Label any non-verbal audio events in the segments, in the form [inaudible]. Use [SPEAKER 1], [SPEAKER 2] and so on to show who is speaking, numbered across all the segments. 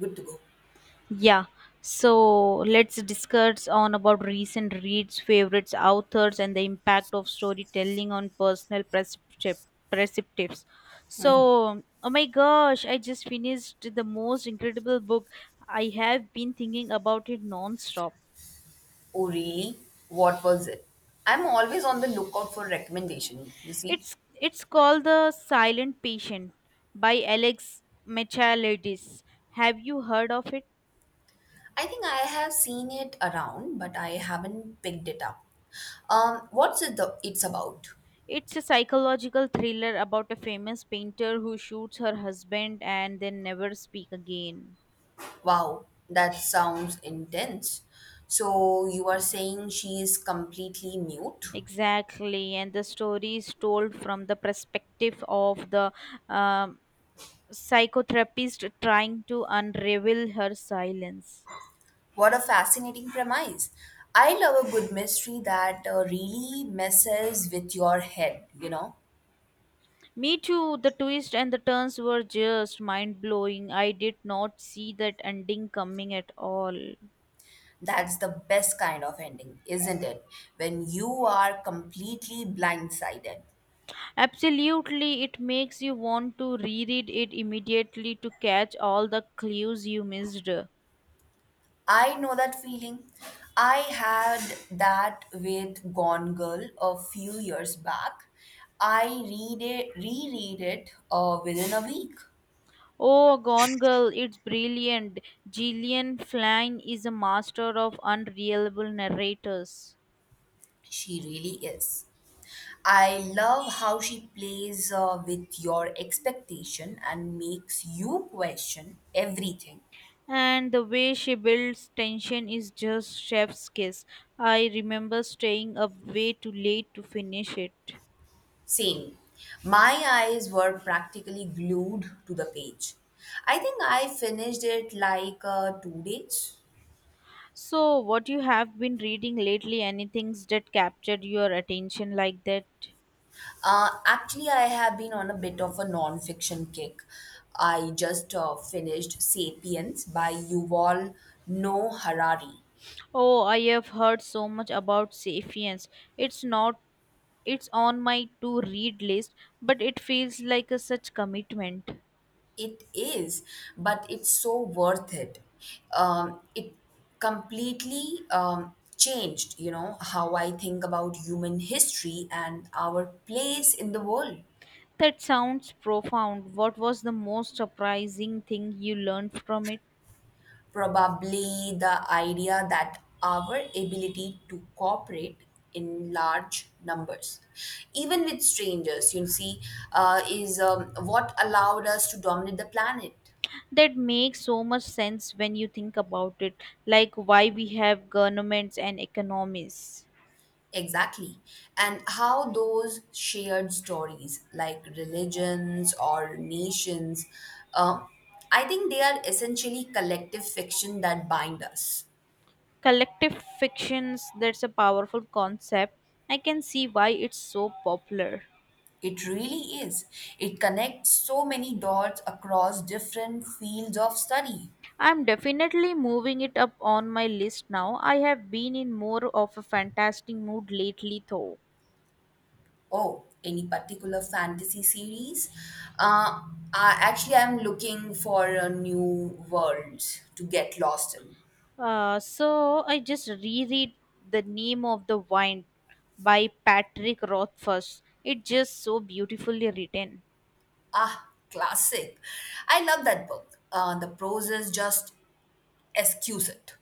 [SPEAKER 1] Good to go.
[SPEAKER 2] Yeah. So let's discuss on about recent reads, favorites, authors, and the impact of storytelling on personal perceptives. So, oh my gosh, I just finished the most incredible book. I have been thinking about it non-stop.
[SPEAKER 1] Oh, really? What was it? I'm always on the lookout for recommendation, you see.
[SPEAKER 2] It's called The Silent Patient by Alex Michaelides. Have you heard of it?
[SPEAKER 1] I think I have seen it around, but I haven't picked it up. What's it's about?
[SPEAKER 2] It's a psychological thriller about a famous painter who shoots her husband and then never speak again.
[SPEAKER 1] Wow, that sounds intense. So you are saying she is completely mute?
[SPEAKER 2] Exactly, and the story is told from the perspective of the um, psychotherapist trying to unravel her silence.
[SPEAKER 1] What a fascinating premise. I love a good mystery that really messes with your head, you know?
[SPEAKER 2] Me too, the twists and the turns were just mind blowing. I did not see that ending coming at all.
[SPEAKER 1] That's the best kind of ending, isn't it? When you are completely blindsided.
[SPEAKER 2] Absolutely, it makes you want to reread it immediately to catch all the clues you missed.
[SPEAKER 1] I know that feeling. I had that with Gone Girl a few years back. I read it, reread it within a week.
[SPEAKER 2] Oh, Gone Girl, it's brilliant. Gillian Flynn is a master of unreliable narrators.
[SPEAKER 1] She really is. I love how she plays with your expectation and makes you question everything.
[SPEAKER 2] And the way she builds tension is just chef's kiss. I remember staying up way too late to finish it.
[SPEAKER 1] Same. My eyes were practically glued to the page. I think I finished it like 2 days.
[SPEAKER 2] So, what you have been reading lately, anything that captured your attention like that?
[SPEAKER 1] Actually, I have been on a bit of a non-fiction kick. I just finished *Sapiens* by Yuval Noah Harari.
[SPEAKER 2] Oh, I have heard so much about Sapiens. It's not It's on my to read list, but it feels like a such commitment.
[SPEAKER 1] It is, but it's so worth it. It completely changed, you know, how I think about human history and our place in the world.
[SPEAKER 2] That sounds profound. What was the most surprising thing you learned from it?
[SPEAKER 1] Probably the idea that our ability to cooperate in large numbers, even with strangers, you see, is what allowed us to dominate the planet.
[SPEAKER 2] That makes so much sense when you think about it, like why we have governments and economies.
[SPEAKER 1] Exactly. And how those shared stories, like religions or nations, uh, I think they are essentially collective fiction that bind us.
[SPEAKER 2] Collective fictions, that's a powerful concept. I can see why it's so popular.
[SPEAKER 1] It really is. It connects so many dots across different fields of study.
[SPEAKER 2] I'm definitely moving it up on my list now. I have been in more of a fantastic mood lately, though.
[SPEAKER 1] Oh, any particular fantasy series? Uh, Actually, I'm looking for a new world to get lost in.
[SPEAKER 2] So I just reread The Name of the Wine by Patrick Rothfuss. It's just so beautifully written,
[SPEAKER 1] Ah, classic. I love that book. The prose is just exquisite.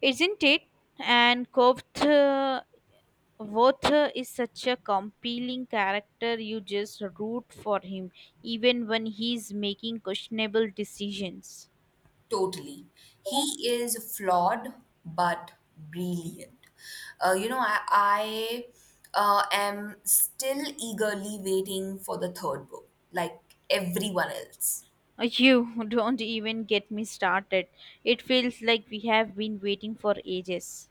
[SPEAKER 2] isn't it? And Kovth Voth is such a compelling character. You just root for him, even when he's making questionable decisions.
[SPEAKER 1] Totally. He is flawed but brilliant. You know, I am still eagerly waiting for the third book, like everyone else.
[SPEAKER 2] You [laughs] don't even get me started. It feels like we have been waiting for ages.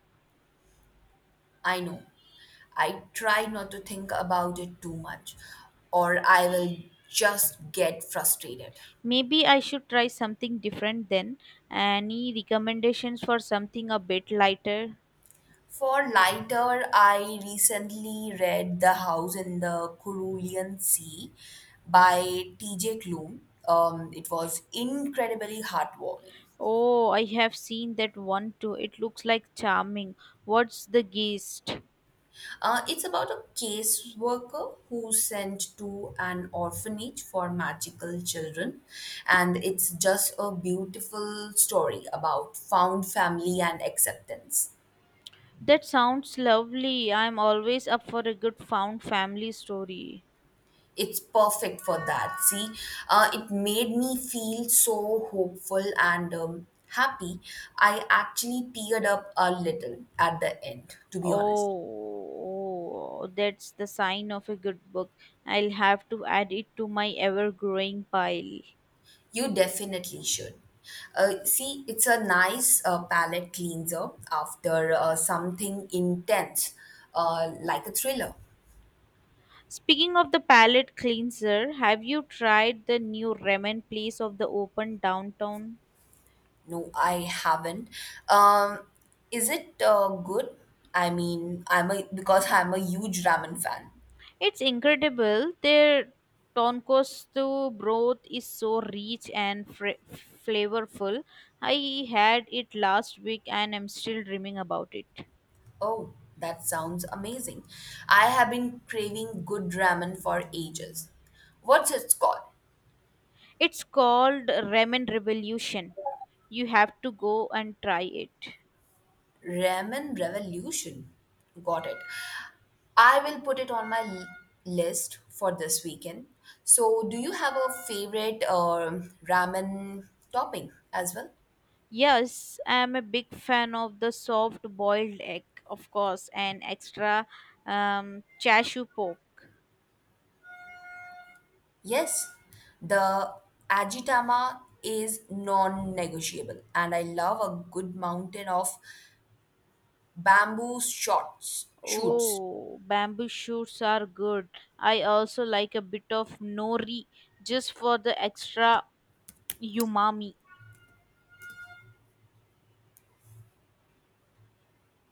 [SPEAKER 1] I know. I try not to think about it too much, or I will just get frustrated.
[SPEAKER 2] Maybe I should try something different then. Any recommendations for something a bit lighter?
[SPEAKER 1] For lighter, I recently read The House in the Cerulean Sea by T.J. Klum. It was incredibly heartwarming.
[SPEAKER 2] Oh, I have seen that one too. It looks like charming. What's the gist?
[SPEAKER 1] It's about a caseworker who's sent to an orphanage for magical children, and it's just a beautiful story about found family and acceptance.
[SPEAKER 2] That sounds lovely. I'm always up for a good found family story.
[SPEAKER 1] It's perfect for that. It made me feel so hopeful and happy. I actually teared up a little at the end, to
[SPEAKER 2] Oh,
[SPEAKER 1] be honest.
[SPEAKER 2] oh, that's the sign of a good book. I'll have to add it to my ever growing pile.
[SPEAKER 1] You definitely should. It's a nice palate cleanser after something intense, like a thriller.
[SPEAKER 2] Speaking of the palette cleanser, have you tried the new ramen place of the open downtown?
[SPEAKER 1] No, I haven't. Um, is it good? I mean, I'm a Because I'm a huge ramen fan.
[SPEAKER 2] It's incredible. Their tonkotsu broth is so rich and flavorful. I had it last week and I'm still dreaming about it.
[SPEAKER 1] Oh, that sounds amazing. I have been craving good ramen for ages. What's it called?
[SPEAKER 2] It's called Ramen Revolution. You have to go and try it.
[SPEAKER 1] Ramen Revolution. Got it. I will put it on my list for this weekend. So, do you have a favorite ramen topping as well?
[SPEAKER 2] Yes, I'm a big fan of the soft boiled egg, of course, and extra chashu pork.
[SPEAKER 1] Yes, the Ajitama is non negotiable, and I love a good mountain of shoots.
[SPEAKER 2] Oh, bamboo shoots are good. I also like a bit of nori just for the extra umami.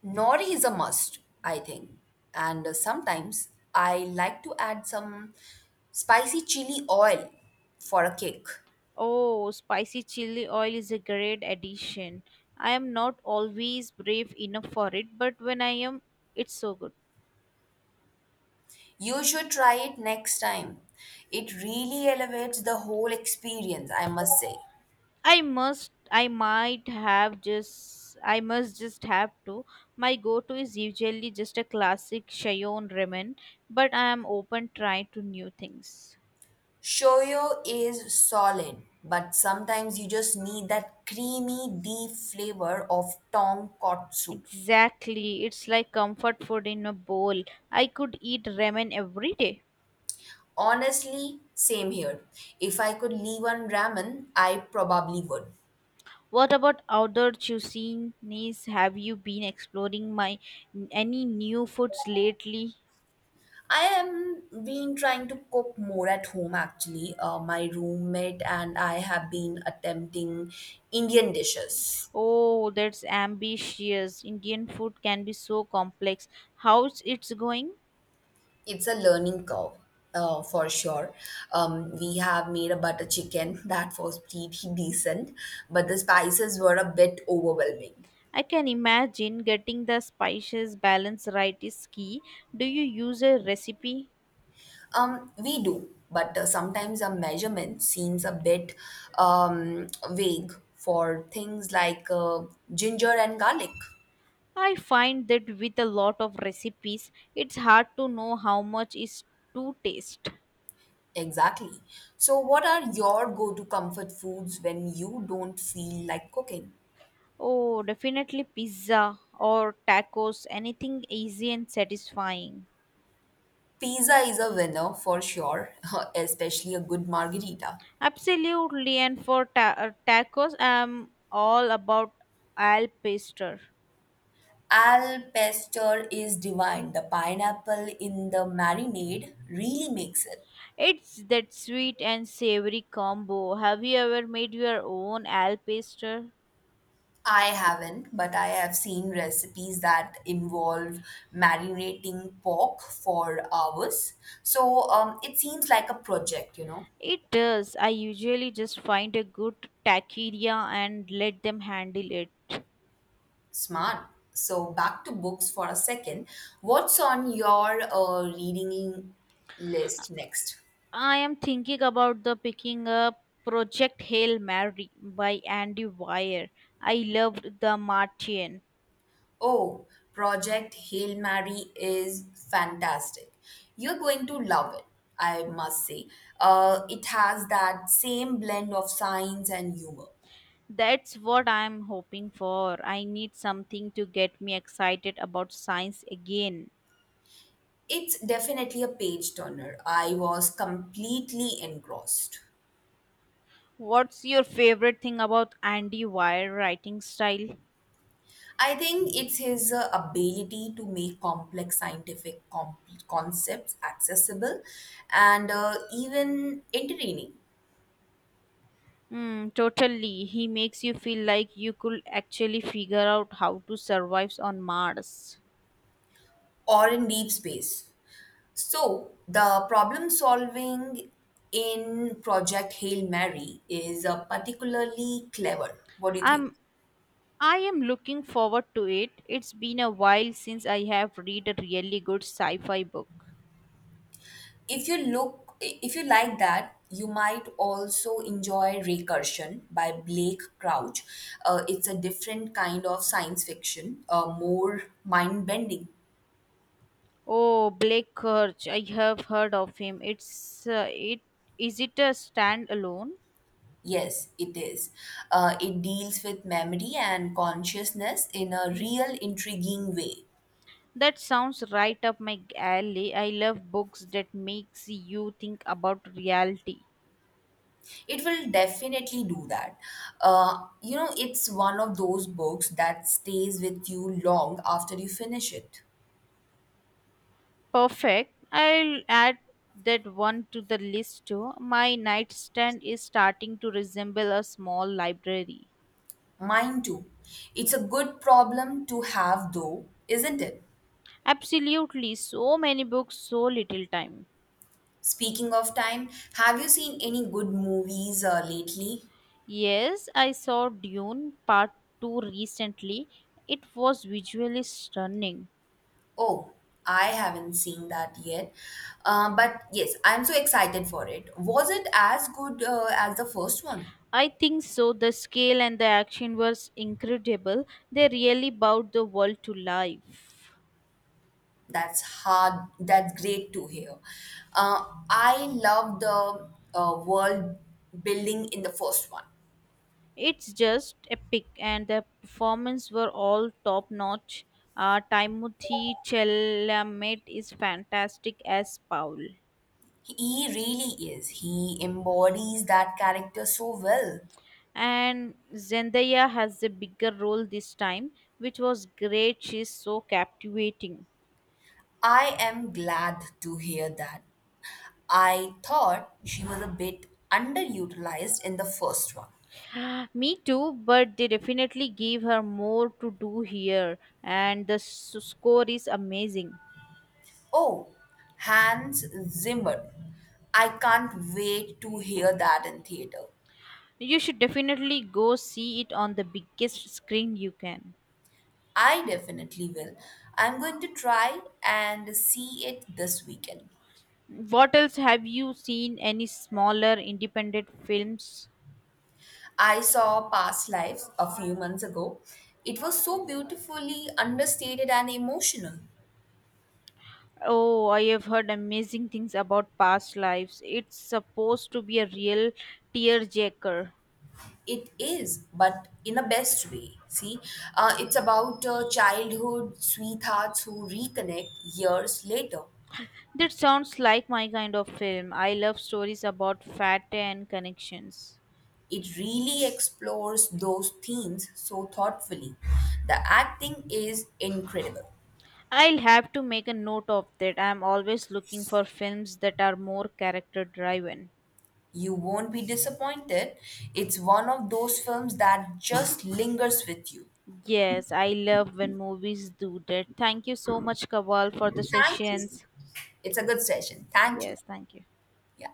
[SPEAKER 1] Nori is a must, I think. And sometimes I like to add some spicy chili oil for a kick.
[SPEAKER 2] Oh, spicy chili oil is a great addition. I am not always brave enough for it, but when I am, it's so good.
[SPEAKER 1] You should try it next time. It really elevates the whole experience, I must say.
[SPEAKER 2] I must just have to. My go-to is usually just a classic Shayon ramen, but I am open trying to new things.
[SPEAKER 1] Shoyo is solid, but sometimes you just need that creamy, deep flavor of tonkotsu.
[SPEAKER 2] Exactly. It's like comfort food in a bowl. I could eat ramen every day.
[SPEAKER 1] Honestly, same here. If I could leave on ramen, I probably would.
[SPEAKER 2] What about other cuisines? Have you been exploring my any new foods lately?
[SPEAKER 1] I am been trying to cook more at home actually. My roommate and I have been attempting Indian dishes.
[SPEAKER 2] Oh, that's ambitious. Indian food can be so complex. How's it's going?
[SPEAKER 1] It's a learning curve. For sure. We have made a butter chicken [laughs] that was pretty decent, but the spices were a bit overwhelming.
[SPEAKER 2] I can imagine getting the spices balance right is key. Do you use a recipe?
[SPEAKER 1] We do, but sometimes a measurement seems a bit vague for things like ginger and garlic.
[SPEAKER 2] I find that with a lot of recipes, it's hard to know how much is to taste.
[SPEAKER 1] Exactly. So, what are your go to comfort foods when you don't feel like cooking?
[SPEAKER 2] Oh, definitely pizza or tacos, anything easy and satisfying.
[SPEAKER 1] Pizza is a winner for sure, [laughs] especially a good margarita.
[SPEAKER 2] Absolutely, and for tacos, I'm all about al pastor.
[SPEAKER 1] Al pesto is divine. The pineapple in the marinade really makes it.
[SPEAKER 2] It's that sweet and savory combo. Have you ever made your own al pastor?
[SPEAKER 1] I haven't, but I have seen recipes that involve marinating pork for hours. So it seems like a project, you know.
[SPEAKER 2] It does. I usually just find a good taqueria and let them handle it.
[SPEAKER 1] Smart. So back to books for a second. What's on your reading list next?
[SPEAKER 2] I am thinking about the picking up Project Hail Mary by Andy Weir. I loved the Martian.
[SPEAKER 1] Oh, Project Hail Mary is fantastic. You're going to love it, I must say. It has that same blend of science and humor.
[SPEAKER 2] That's what I'm hoping for. I need something to get me excited about science again.
[SPEAKER 1] It's definitely a page turner. I was completely engrossed.
[SPEAKER 2] What's your favorite thing about Andy Weir writing style?
[SPEAKER 1] I think it's his ability to make complex concepts accessible and even entertaining
[SPEAKER 2] Hmm, totally. He makes you feel like you could actually figure out how to survive on Mars.
[SPEAKER 1] or in deep space. So, the problem solving in Project Hail Mary is particularly clever. What do you think?
[SPEAKER 2] I'm I am looking forward to it. It's been a while since I have read a really good sci-fi book.
[SPEAKER 1] If you like that you might also enjoy recursion by Blake Crouch. It's a different kind of science fiction, more mind bending.
[SPEAKER 2] Oh, Blake Kurtz, I have heard of him. It's it Is it a standalone?
[SPEAKER 1] Yes it is. It deals with memory and consciousness in a real intriguing way.
[SPEAKER 2] That sounds right up my alley. I love books that makes you think about reality.
[SPEAKER 1] It will definitely do that. You know, it's one of those books that stays with you long after you finish it.
[SPEAKER 2] Perfect. I'll add that one to the list too. My nightstand is starting to resemble a small library.
[SPEAKER 1] Mine too. It's a good problem to have, though, isn't it?
[SPEAKER 2] Absolutely, so many books, so little time.
[SPEAKER 1] Speaking of time, have you seen any good movies lately?
[SPEAKER 2] Yes, I saw Dune Part 2 recently. It was visually stunning.
[SPEAKER 1] Oh, I haven't seen that yet. But yes, I'm so excited for it. Was it as good as the first one?
[SPEAKER 2] I think so. The scale and the action was incredible. They really brought the world to life.
[SPEAKER 1] That's hard. That's great to hear. Uh, I love the world building in the first one.
[SPEAKER 2] It's just epic, and the performance were all top notch. Timothy Chalamet is fantastic as Paul,
[SPEAKER 1] He really is. He embodies that character so well.
[SPEAKER 2] and Zendaya has a bigger role this time, which was great. She's so captivating.
[SPEAKER 1] I am glad to hear that. I thought she was a bit underutilized in the first one.
[SPEAKER 2] [gasps] Me too, but they definitely gave her more to do here, and the score is amazing.
[SPEAKER 1] Oh, Hans Zimmer. I can't wait to hear that in theater.
[SPEAKER 2] You should definitely go see it on the biggest screen you can.
[SPEAKER 1] I definitely will. I'm going to try and see it this weekend.
[SPEAKER 2] What else have you seen? Any smaller independent films?
[SPEAKER 1] I saw Past Lives a few months ago. It was so beautifully understated and emotional.
[SPEAKER 2] Oh, I have heard amazing things about past lives. It's supposed to be a real tearjerker.
[SPEAKER 1] It is, but in a best way. It's about childhood sweethearts who reconnect years later.
[SPEAKER 2] That sounds like my kind of film. I love stories about fate and connections.
[SPEAKER 1] It really explores those themes so thoughtfully. The acting is incredible.
[SPEAKER 2] I'll have to make a note of that. I'm always looking for films that are more character driven.
[SPEAKER 1] You won't be disappointed. It's one of those films that just lingers with you.
[SPEAKER 2] Yes, I love when movies do that. Thank you so much, Kawal, for the
[SPEAKER 1] Thank you.
[SPEAKER 2] sessions.
[SPEAKER 1] It's a good session. Thank you.
[SPEAKER 2] Yes, thank you.
[SPEAKER 1] Yeah.